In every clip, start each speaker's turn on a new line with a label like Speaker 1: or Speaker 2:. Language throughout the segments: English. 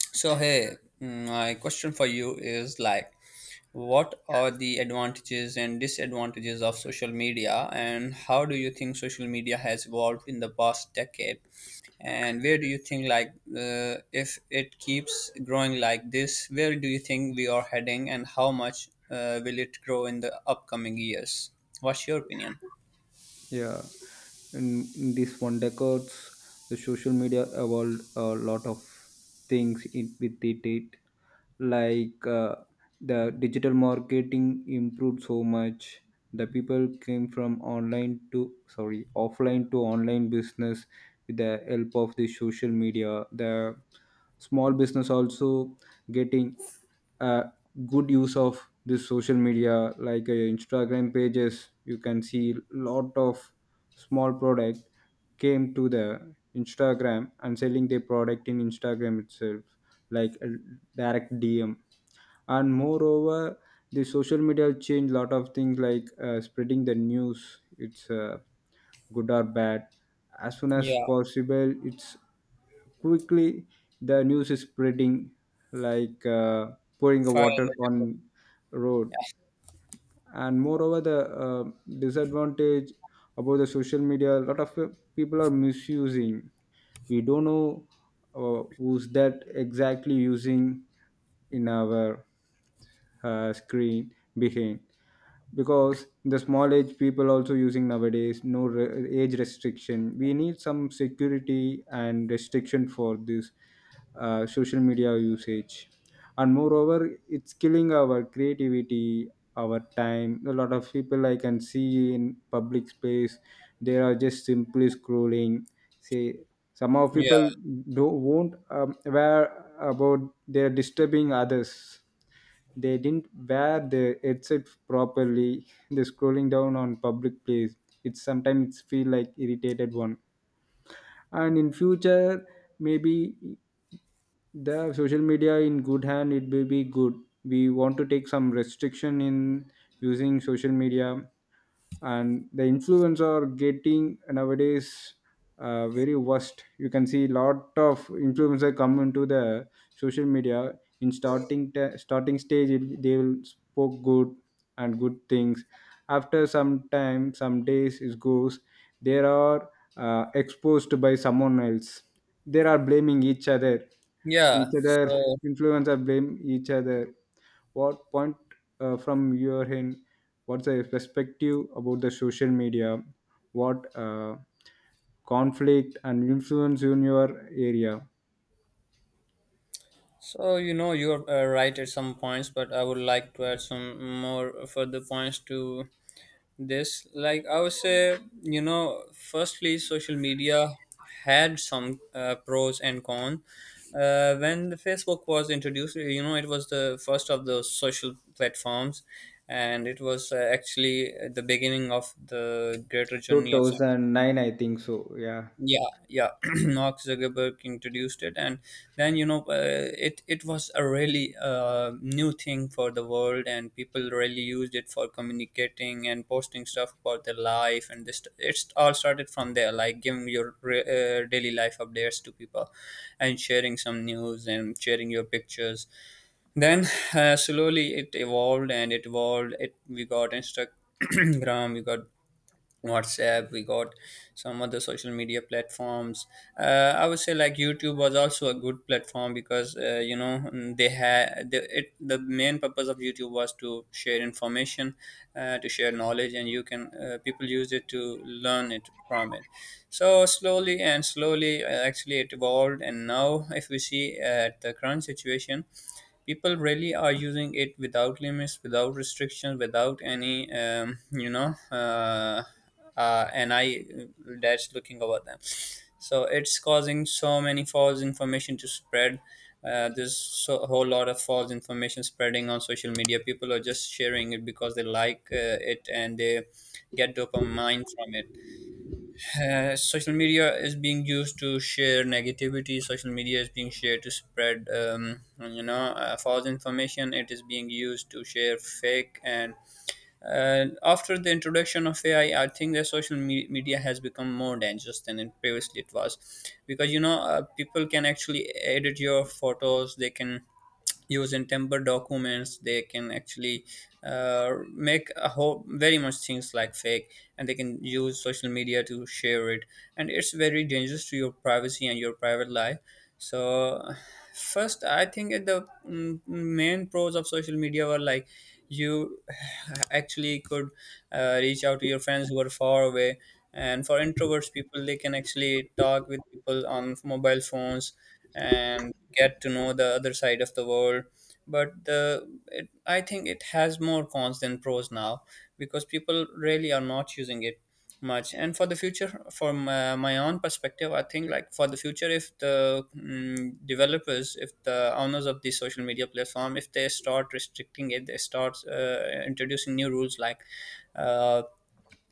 Speaker 1: So, hey, my question for you is like, what are the advantages and disadvantages of social media, and how do you think social media has evolved in the past decade? And where do you think, like, if it keeps growing like this, where do you think we are heading, and how much will it grow in the upcoming years? What's your opinion?
Speaker 2: Yeah, in these one decades, the social media evolved a lot of things with it. Like uh, the digital marketing improved so much. The people came from online to sorry offline to online business with the help of the social media. The small business also getting uh, good use of this social media like instagram pages, you can see lot of small product came to the instagram and selling their product in instagram itself, like direct dm. And moreover, the social media change lot of things like spreading the news. It's good or bad, as soon as
Speaker 1: Yeah,
Speaker 2: possible it's quickly the news is spreading, like pouring a
Speaker 1: fire.
Speaker 2: water
Speaker 1: and-
Speaker 2: on road. And moreover, the disadvantage about the social media, a lot of people are misusing. We don't know who's that exactly using in our screen behind, because the small age people also using nowadays, no age restriction. We need some security and restriction for this social media usage. And moreover, it's killing our creativity, our time. A lot of people I can see in public space, they are just simply scrolling, say some of
Speaker 1: Yeah,
Speaker 2: people don't won't aware about they are disturbing others, they didn't wear the headset properly, the scrolling down on public place, it sometimes feel like irritated one. And in future maybe the social media in good hand, it will be good. We want to take some restriction in using social media. And the influence are getting nowadays very worst. You can see lot of influencer come into the social media, in starting stage it, they will spoke good and good things, after some time some days it goes, they are exposed by someone else, they are blaming each other,
Speaker 1: yeah.
Speaker 2: each other,
Speaker 1: So.
Speaker 2: influencer blame each other. What point from your end, what's the perspective about the social media, what conflict and influence in your area?
Speaker 1: So, you're right at some points, but I would like to add some more further points to this. Like, I would say, firstly, social media had some pros and cons. When the Facebook was introduced, it was the first of the social platforms, and it was actually the beginning of the greater journey of.
Speaker 2: 2009 I think so. Yeah,
Speaker 1: Yeah, yeah. Mark Zuckerberg introduced it, and then it was a really new thing for the world, and people really used it for communicating and posting stuff about their life, and this it all started from there, like giving your daily life updates to people, and sharing some news, and sharing your pictures. Then slowly it evolved, and it evolved, it we got Instagram. We got WhatsApp, we got some other social media platforms. I would say like YouTube was also a good platform, because they had the main purpose of YouTube was to share information, to share knowledge, and you can people use it to learn it from it. So slowly and slowly, actually, it evolved, and now if we see at the current situation, people really are using it without limits, without restrictions, without any, and I that's looking over them. So it's causing so many false information to spread. There's a whole lot of false information spreading on social media. People are just sharing it because they like it, and they get dopamine from it. Social media is being used to share negativity, social media is being shared to spread false information, it is being used to share fake, and after the introduction of AI, I think that social media has become more dangerous than it previously it was, because people can actually edit your photos, they can use in temper documents, they can actually make a whole very much things like fake, and they can use social media to share it, and it's very dangerous to your privacy and your private life. So first I think the main pros of social media were like you actually could reach out to your friends who are far away, and for introverts people they can actually talk with people on mobile phones and get to know the other side of the world. But I think it has more cons than pros now, because people really are not using it much. And for the future, from my own perspective, I think like for the future, if the developers, if the owners of the social media platform, if they start restricting it, they start introducing new rules, like uh,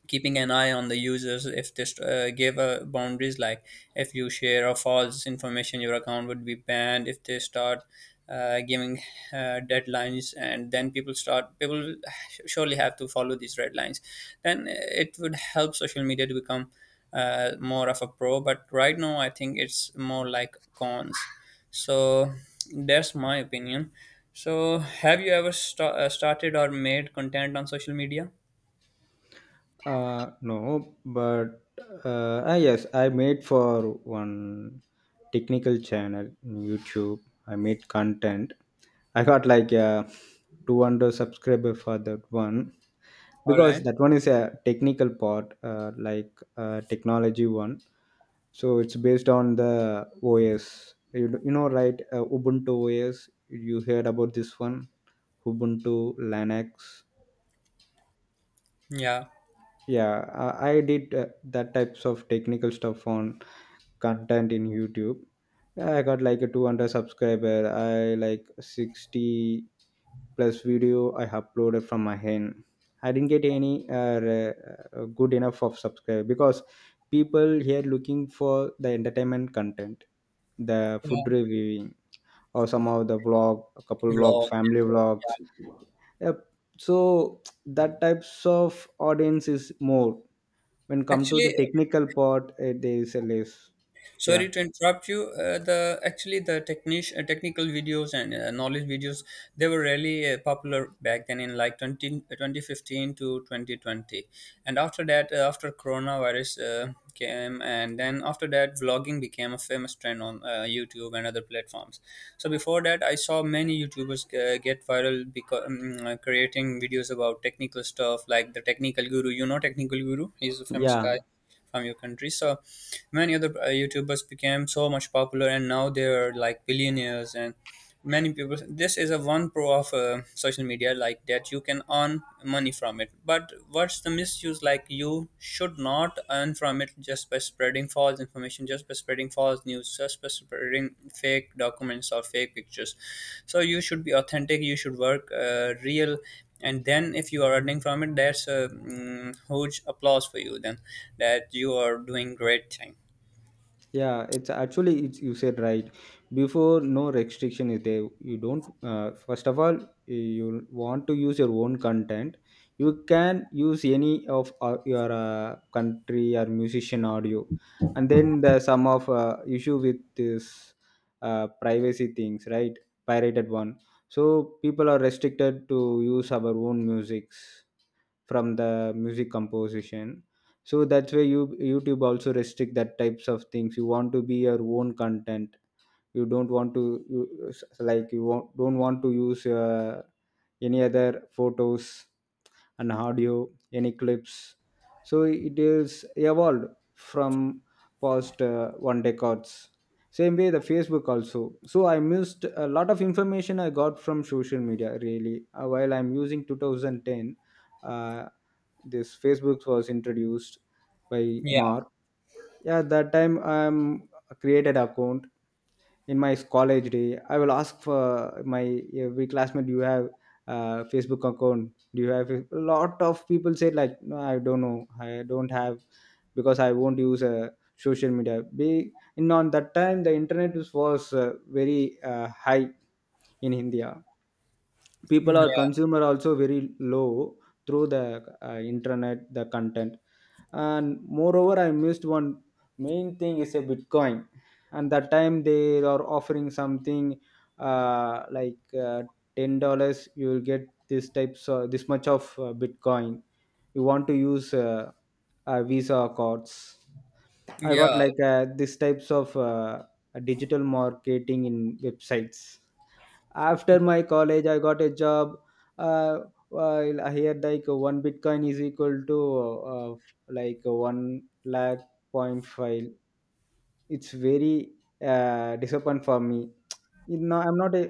Speaker 1: keeping an eye on the users, if this gave boundaries, like if you share or false information your account would be banned, if they start giving deadlines, and then people surely have to follow these red lines, then it would help social media to become more of a pro. But right now I think it's more like cons. So that's my opinion. So have you ever started or made content on social media?
Speaker 2: no, but yes, I made for one technical channel in youtube, I made content, I got like 200 subscriber for that one,
Speaker 1: All
Speaker 2: because
Speaker 1: right.
Speaker 2: that one is a technical part, like technology one. So it's based on the os, you know right, ubuntu os. You heard about this one, ubuntu linux?
Speaker 1: Yeah.
Speaker 2: Yeah, I did that types of technical stuff on content in youtube. I got like a 200 subscriber, I like 60 plus video I uploaded from my hand. I didn't get any good enough of subscribe, because people here looking for the entertainment content, the
Speaker 1: Yeah,
Speaker 2: food reviewing, or some of the vlog, a couple vlog,
Speaker 1: vlogs.
Speaker 2: family
Speaker 1: So,
Speaker 2: vlogs.
Speaker 1: yeah.
Speaker 2: Yep. So that types of audience is more. When come to the
Speaker 1: Actually,
Speaker 2: technical part, eh, there is a less. Yeah,
Speaker 1: sorry to interrupt you. The actually the technical videos and knowledge videos, they were really popular back then, in like 2015 to 2020. And after that, after coronavirus came, and then after that, vlogging became a famous trend on YouTube and other platforms. So before that, I saw many YouTubers get viral because creating videos about technical stuff like the technical guru. You know, technical guru. He's a famous guy
Speaker 2: yeah.
Speaker 1: from your country. So many other YouTubers became so much popular, and now they are like billionaires. And many people, this is a one pro of social media, like that you can earn money from it. But what's the misuse, like you should not earn from it just by spreading false information, just by spreading false news, just by spreading fake documents or fake pictures. So you should be authentic, you should work real, and then if you are earning from it, that's a huge applause for you then, that you are doing great thing.
Speaker 2: Yeah, it's actually you said right. Before no restriction is there, you don't first of all, eh, you want to use your own content, you can use any of your country or musician audio. And then the some of issue with this privacy things, right? Pirated one. So people are restricted to use our own musics from the music composition. So that's why you youtube also restrict that types of things. You want to be your own content, you don't want to like you won't, don't want to use any other photos and audio, any clips. So it is evolved from past one decades. Same way the facebook also. So I missed a lot of information I got from social media, really. While I'm using 2010, uh, this facebook was introduced by
Speaker 1: Yeah,
Speaker 2: mark. Yeah, that time i'm created account, in my college day. I will ask for my every classmate, do you have facebook account? Do you have? A lot of people said, like no I don't know, I don't have. Because I won't use social media be in on that time. The internet was very high in india. People are
Speaker 1: yeah,
Speaker 2: consumer also very low through the internet, the content. And moreover, I missed one main thing is a bitcoin. And that time they are offering something like uh, $10 you will get, this types this much of bitcoin. You want to use visa cards. I got
Speaker 1: yeah.
Speaker 2: like this types of digital marketing in websites. After my college I got a job. uh, while I heard like one bitcoin is equal to uh, like one lakh point five, it's very disappoint for me. You know, I'm not a,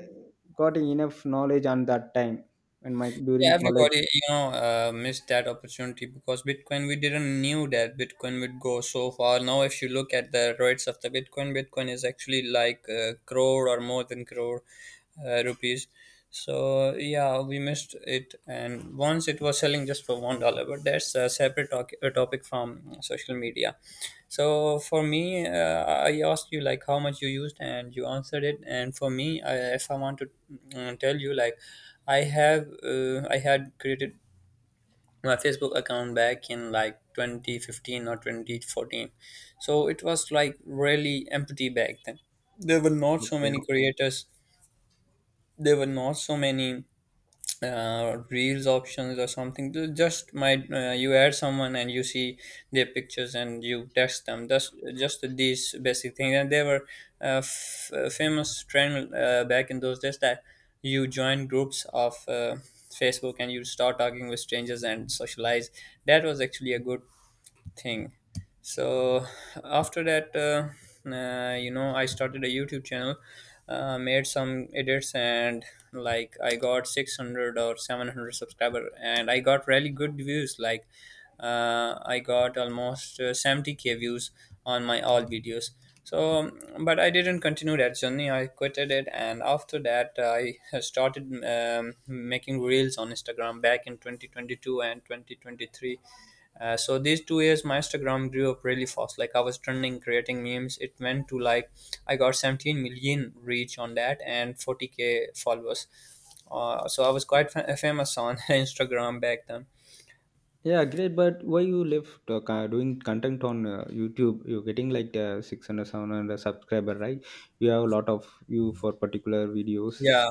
Speaker 2: got enough knowledge on that time and my
Speaker 1: Yeah,
Speaker 2: during college.
Speaker 1: everybody, missed that opportunity, because Bitcoin, we didn't knew that Bitcoin would go so far. Now, if you look at the rates of the Bitcoin, Bitcoin is actually like a crore or more than crore rupees. So yeah, we missed it. And once it was selling just for $1, but that's a separate a topic from social media. So for me, I asked you like how much you used, and you answered it. And for me, if I want to tell you, like I had created my Facebook account back in like 2015 or 2014. So it was like really empty back then. There were not so
Speaker 2: Okay.
Speaker 1: many creators. There were not so many reels options or something. Just, might you add someone and you see their pictures and you text them, just these basic things. And they were famous trend back in those days, that you join groups of Facebook and you start talking with strangers and socialize. That was actually a good thing. So after that, I started a YouTube channel, made some edits, and like I got 600 or 700 subscriber, and I got really good views. Like I got almost 70K views on my all videos. So, but I didn't continue that journey. I quitted it, and after that, I started making reels on Instagram back in 2022 and 2023. So these 2 years, my Instagram grew up really fast. Like I was trending, creating memes. It went to like I got 17 million reach on that and 40K followers. So I was quite famous on Instagram back then.
Speaker 2: Yeah, great. But why you left doing content on youtube? You're getting like 600 subscriber, right? You have a lot of view for particular videos.
Speaker 1: Yeah,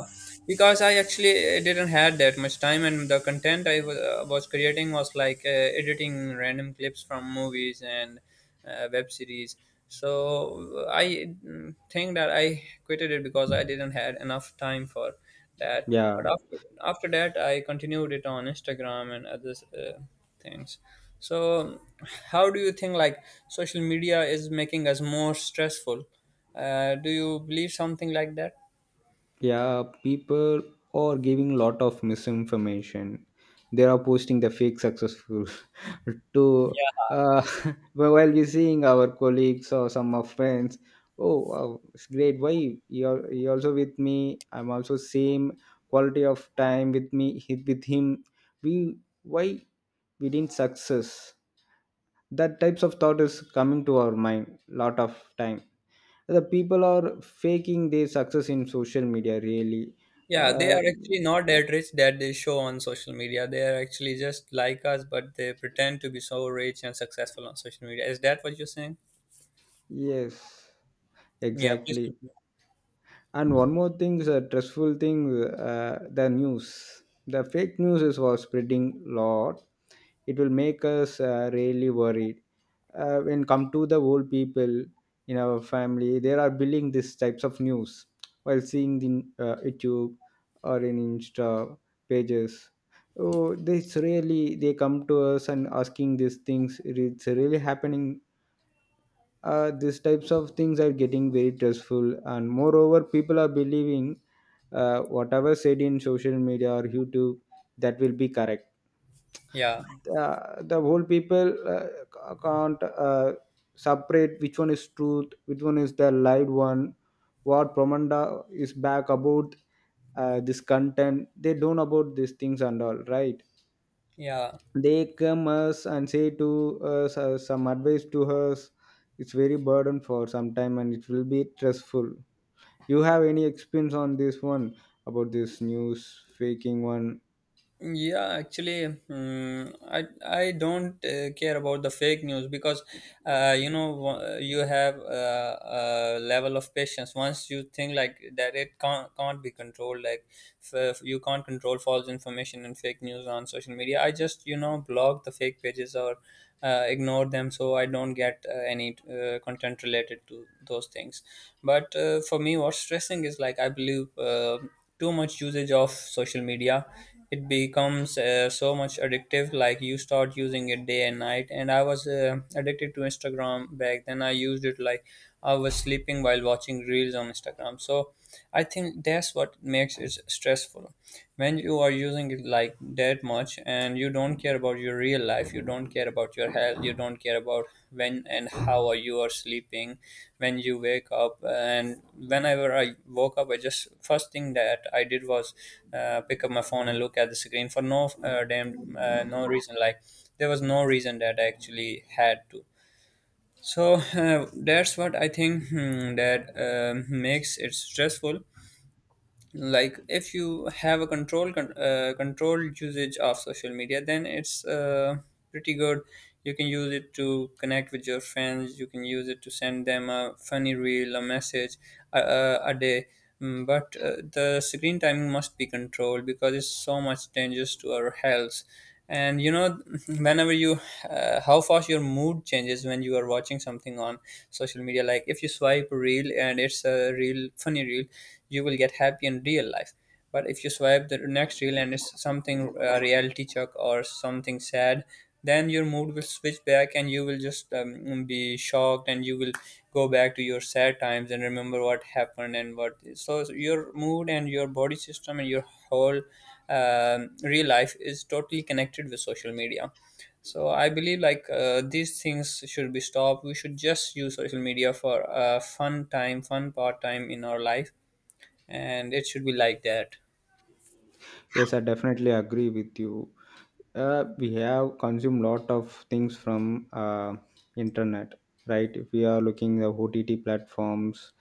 Speaker 1: because I actually didn't had that much time, and the content I was creating was like editing random clips from movies and web series. So I think that I quitted it because I didn't had enough time for that.
Speaker 2: Yeah,
Speaker 1: But after that, I continued it on Instagram and other things. So, how do you think like social media is making us more stressful? Do you believe something like that?
Speaker 2: yeah. People are giving lot of misinformation, they are posting the fake successful to uh, while we seeing our colleagues or some of friends, oh wow, it's great, you also with me, I'm also same quality of time with me, with him, we why we didn't success? That types of thought is coming to our mind lot of time. The people are faking their success in social media, really.
Speaker 1: Yeah, they
Speaker 2: uh,
Speaker 1: are actually not that rich that they show on social media. They are actually just like us, but they pretend to be so rich and successful on social media. Is that what you're saying?
Speaker 2: yes,
Speaker 1: Yeah, please.
Speaker 2: exactly.
Speaker 1: Continue.
Speaker 2: And one more thing is a stressful thing. The news, the fake news is was spreading lot. It will make us really worried. When come to the old people in our family, they are building these types of news while seeing the youtube or in insta pages. Oh, this really, they come to us and asking these things, it's really happening. These types of things are getting very stressful. And moreover, people are believing whatever said in social media or youtube, that will be correct.
Speaker 1: Yeah,
Speaker 2: The whole people can't separate which one is truth, which one is the lied one, what promanda is back about this content. They don't about these things and all right.
Speaker 1: yeah.
Speaker 2: They come us and say to us some advice to us. It's very burden for some time and it will be stressful. You have any experience on this one, about this news faking one?
Speaker 1: Yeah, actually, I don't care about the fake news, because you have a level of patience, once you think like that it can't be controlled. Like you can't control false information and fake news on social media. I just block the fake pages or ignore them, so I don't get any content related to those things. But for me, what's stressing is like I believe too much usage of social media. It becomes so much addictive, like you start using it day and night, and I was addicted to Instagram back then. I used it like I was sleeping while watching reels on Instagram, so I think that's what makes it stressful. When you are using it like that much and you don't care about your real life, you don't care about your health, you don't care about when and how are you are sleeping. When you wake up, and whenever I woke up, I just first thing that I did was pick up my phone and look at the screen for no damn no reason. Like, there was no reason that I actually had to. So that's what I think, that makes it stressful. Like, if you have a controlled usage of social media, then it's pretty good. You can use it to connect with your friends, you can use it to send Them a funny reel, a message, a day. Mm, but the screen time must be controlled because it's so much dangerous to our health. And whenever you how fast your mood changes when you are watching something on social media. Like if you swipe a reel and it's a real funny reel, you will get happy in real life. But if you swipe the next reel and it's something reality check or something sad, then your mood will switch back and you will just be shocked and you will go back to your sad times and remember what happened and what. So your mood and your body system and your whole real life is totally connected with social media. So I believe like these things should be stopped. We should just use social media for fun time, fun part time in our life, and it should be like that.
Speaker 2: Yes, I definitely agree with you. We have consumed lot of things from internet, right? If we are looking the ott platforms,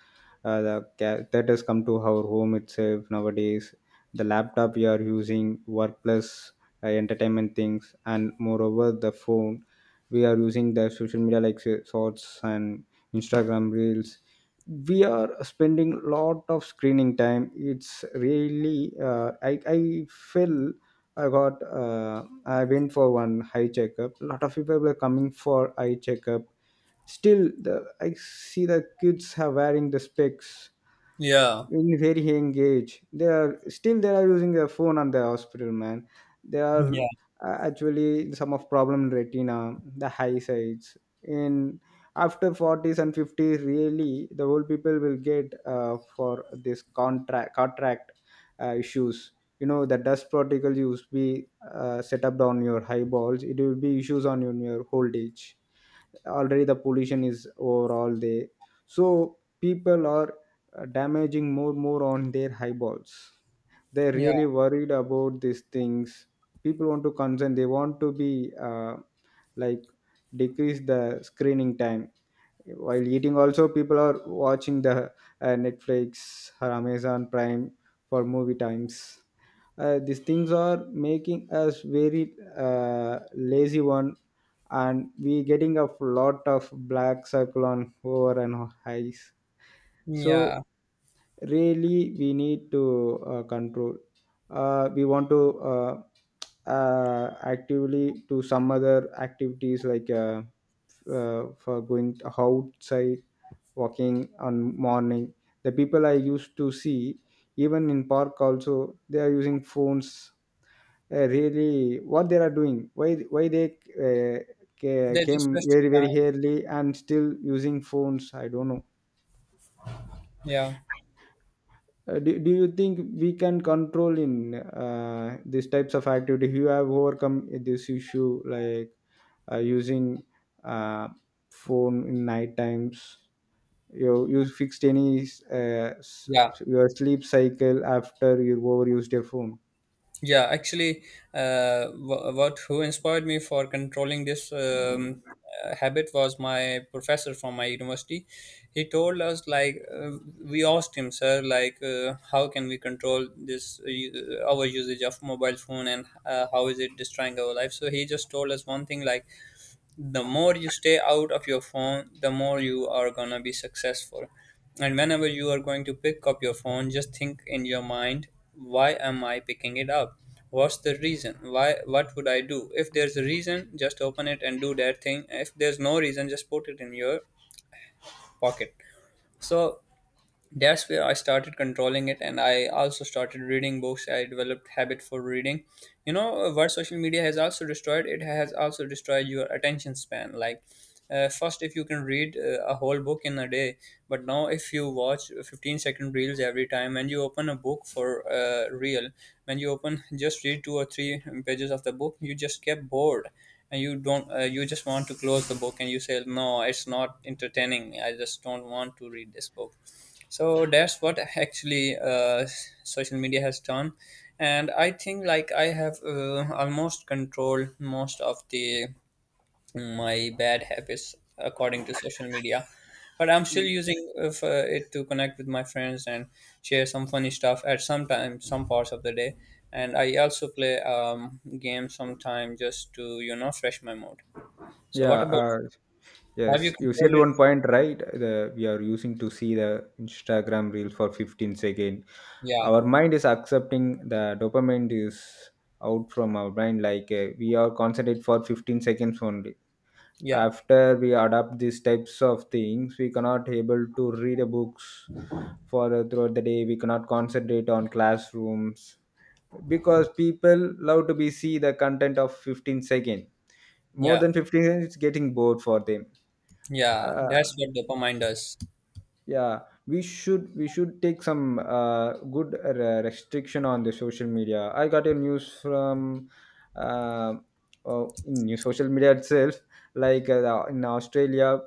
Speaker 2: that has come to our home itself nowadays. The laptop we are using workplace, entertainment things, and moreover the phone, we are using the social media, like say, shorts and instagram reels. We are spending lot of screening time. It's really uh, I feel I got I went for one eye checkup. A lot of people were coming for eye checkup. Still, the I see the kids are wearing the specs,
Speaker 1: Yeah.
Speaker 2: in very engaged, they are still they are using their phone on the hospital, man. They are
Speaker 1: Yeah,
Speaker 2: actually some of problem in retina, the high sides in, after 40s and 50s, really the old people will get for this contract issues. You know, the dust particles used to be set up on your eyeballs, it will be issues on your old age. Already the pollution is overall there. So people are damaging more on their eyeballs. They're
Speaker 1: yeah,
Speaker 2: really worried about these things. People want to concern, they want to be like decrease the screening time. While eating also, people are watching the netflix or amazon prime for movie times. These things are making us very lazy one. And we getting a lot of black circle on over and eyes. So
Speaker 1: yeah.
Speaker 2: really we need to control. We want to actively do some other activities, like for going outside, walking on morning. The people I used to see, even in park also they are using phones. Really what they are doing? Why they uh,
Speaker 1: They're just
Speaker 2: came
Speaker 1: wasting
Speaker 2: very very
Speaker 1: time.
Speaker 2: early and still using phones, I don't know.
Speaker 1: Yeah,
Speaker 2: Do you think we can control in these types of activity? You have overcome this issue like using uh, phone in night times? You fixed any
Speaker 1: yeah.
Speaker 2: your sleep cycle after you overused your phone?
Speaker 1: Yeah, actually, wh- what who inspired me for controlling this habit was my professor from my university. He told us like we asked him, sir, like, how can we control this our usage of mobile phone and how is it destroying our life? So he just told us one thing like, the more you stay out of your phone, the more you are gonna be successful. And whenever you are going to pick up your phone, just think in your mind, why am I picking it up? What's the reason? Why, what would I do? If there's a reason, just open it and do that thing. If there's no reason, just put it in your pocket. So that's where I started controlling it, and I also started reading books. I developed habit for reading. What social media has also destroyed, it has also destroyed your attention span. Like first, if you can read a whole book in a day, but now if you watch 15-second reels every time and you open a book for real, when you open, just read two or three pages of the book, you just get bored and you don't you just want to close the book and you say, no, it's not entertaining, I just don't want to read this book. So that's what actually social media has done. And I think like I have almost controlled most of the my bad habits according to social media, but I'm still using of, for it to connect with my friends and share some funny stuff at some time, some parts of the day. And I also play games sometime just to you know fresh my mood. So
Speaker 2: Yeah,
Speaker 1: what about, have you
Speaker 2: yes, you said
Speaker 1: controlled it?
Speaker 2: one point right, the we are using to see the instagram reel for 15 seconds.
Speaker 1: Yeah.
Speaker 2: Our mind is accepting the dopamine is out from our brain, like we are concentrated for 15 seconds only.
Speaker 1: Yeah,
Speaker 2: After we adopt these types of things, we cannot able to read a books for throughout the day. We cannot concentrate on classrooms because people love to be see the content of 15 second. More
Speaker 1: yeah,
Speaker 2: than 15 seconds it's getting bored for them.
Speaker 1: yeah,
Speaker 2: uh,
Speaker 1: that's what dopamine does.
Speaker 2: yeah, we should take some restriction on the social media. I got a news from uh, oh, new social media itself, like in australia,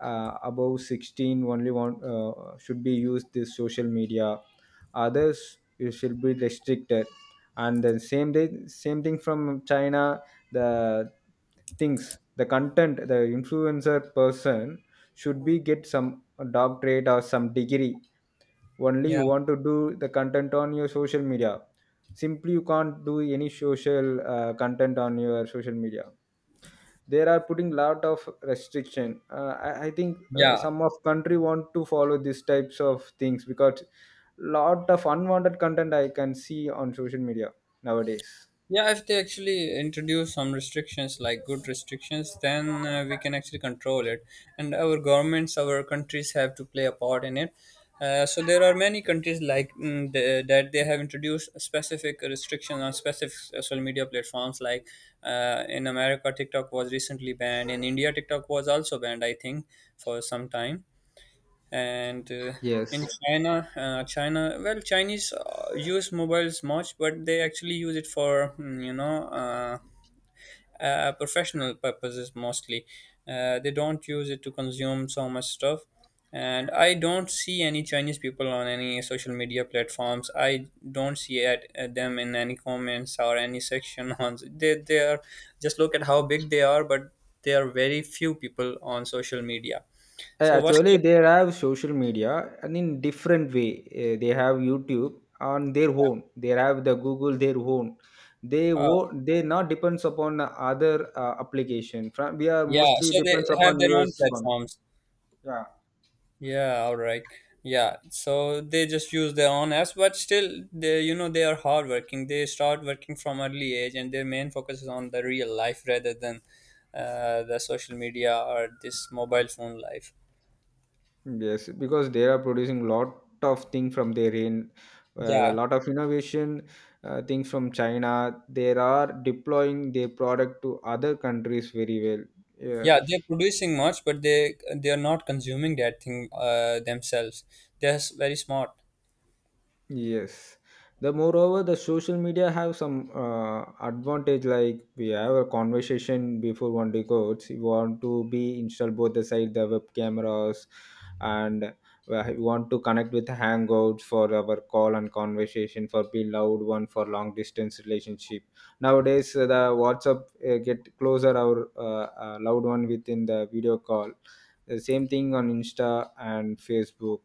Speaker 2: above 16 only one should be used this social media. Others you should be restricted. And the same day same thing from china, the things, the content, the influencer person, should be get some a doctorate or some degree, only
Speaker 1: Yeah.
Speaker 2: you want to do the content on your social media. Simply you can't do any social content on your social media. They are putting lot of restriction. I think
Speaker 1: Yeah,
Speaker 2: some of country want to follow these types of things, because lot of unwanted content I can see on social media nowadays.
Speaker 1: yeah. If they actually introduce some restrictions, like good restrictions, then we can actually control it. And our governments, our countries have to play a part in it. So there are many countries like mm, that they have introduced specific restrictions on specific social media platforms. Like in America, TikTok was recently banned. In India, TikTok was also banned, I think, for some time. And in
Speaker 2: Yes.
Speaker 1: China, China, well, Chinese use mobiles much, but they actually use it for mm, you know, professional purposes mostly. They don't use it to consume so much stuff. And I don't see any Chinese people on any social media platforms. I don't see at them in any comments or any section on they are just look at how big they are, but there are very few people on social media. So what's
Speaker 2: Actually,
Speaker 1: your
Speaker 2: they have social media and in different way. They have YouTube on their own. They have the Google their own.
Speaker 1: uh,
Speaker 2: They not depends upon other application. From we are
Speaker 1: yeah,
Speaker 2: mostly
Speaker 1: so they
Speaker 2: depends
Speaker 1: have
Speaker 2: upon
Speaker 1: their own
Speaker 2: US one.
Speaker 1: platforms.
Speaker 2: Yeah.
Speaker 1: Yeah, all right. Yeah, so they just use their own apps. But still, they you know they are hardworking. They start working from early age, and their main focus is on the real life rather than the social media or this mobile phone life.
Speaker 2: Yes, because they are producing lot of thing from their end. A
Speaker 1: Yeah,
Speaker 2: lot of innovation things from China. They are deploying their product to other countries very well. Yeah.
Speaker 1: yeah, they're producing much, but they are not consuming that thing themselves. Very smart.
Speaker 2: Yes. The moreover, the social media have some advantage. Like we have a conversation before one records. You want to be install both the side the web cameras, and we want to connect with Hangouts for our call and conversation for be loud one for long distance relationship. Nowadays, the WhatsApp get closer our loved one within the video call. The same thing on Insta and Facebook.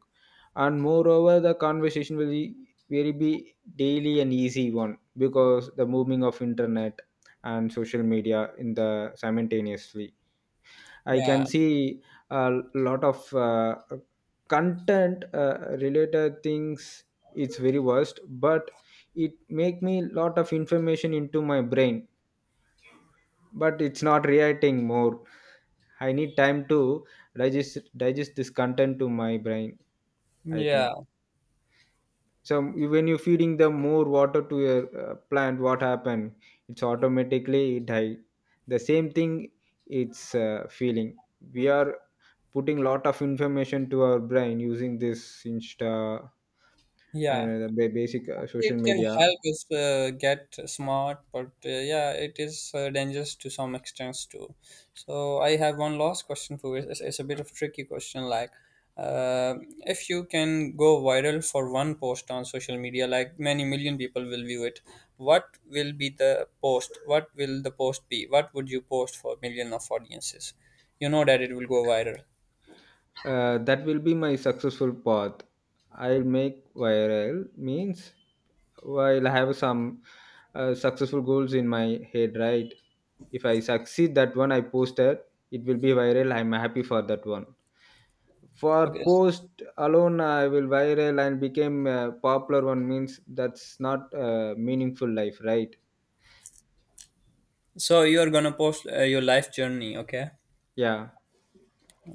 Speaker 2: And moreover the conversation will be daily and easy one, because the moving of internet and social media in the simultaneously, I can
Speaker 1: Yeah,
Speaker 2: see a lot of content related things. It's very worst. But it make me lot of information into my brain, but it's not reacting more. I need time to digest this content to my brain, I think
Speaker 1: yeah,
Speaker 2: so. When you're feeding the more water to your plant, what happen? It's automatically die. The same thing, it's feeling we are putting lot of information to our brain using this insta and
Speaker 1: yeah.
Speaker 2: the basic social
Speaker 1: It can
Speaker 2: media.
Speaker 1: help us get smart, but yeah, it is dangerous to some extent too. So I have one last question for you. It's a bit of tricky question. Like, uh, if you can go viral for one post on social media, like many million people will view it, what will be the post? What will the post be? What would you post for million of audiences, you know that it will go viral?
Speaker 2: That will be my successful path. I'll make viral means I'll have some successful goals in my head, right? If I succeed that one I posted, it will be viral. I'm happy for that one. For
Speaker 1: Okay.
Speaker 2: post alone, I will viral and became a popular one means that's not a meaningful life, right?
Speaker 1: So you're gonna post your life journey. Okay.
Speaker 2: Yeah.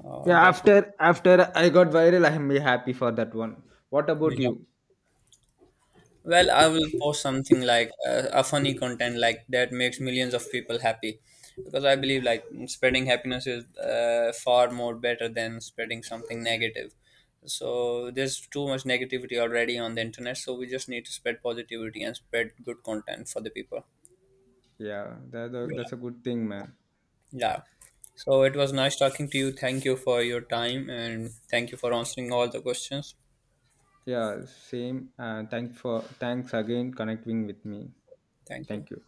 Speaker 1: Oh,
Speaker 2: Yeah,
Speaker 1: that's,
Speaker 2: after I got viral, I'm happy for that one. What about you?
Speaker 1: well, I will post something like a funny content like that makes millions of people happy, because I believe like spreading happiness is far more better than spreading something negative. So there's too much negativity already on the internet, so we just need to spread positivity and spread good content for the people.
Speaker 2: Yeah,
Speaker 1: Yeah.
Speaker 2: that's a good thing, man.
Speaker 1: Yeah. So it was nice talking to you. Thank you for your time and thank you for answering all the questions.
Speaker 2: Yeah, same. And thanks for thanks again connecting with me.
Speaker 1: Thank you.
Speaker 2: Thank you.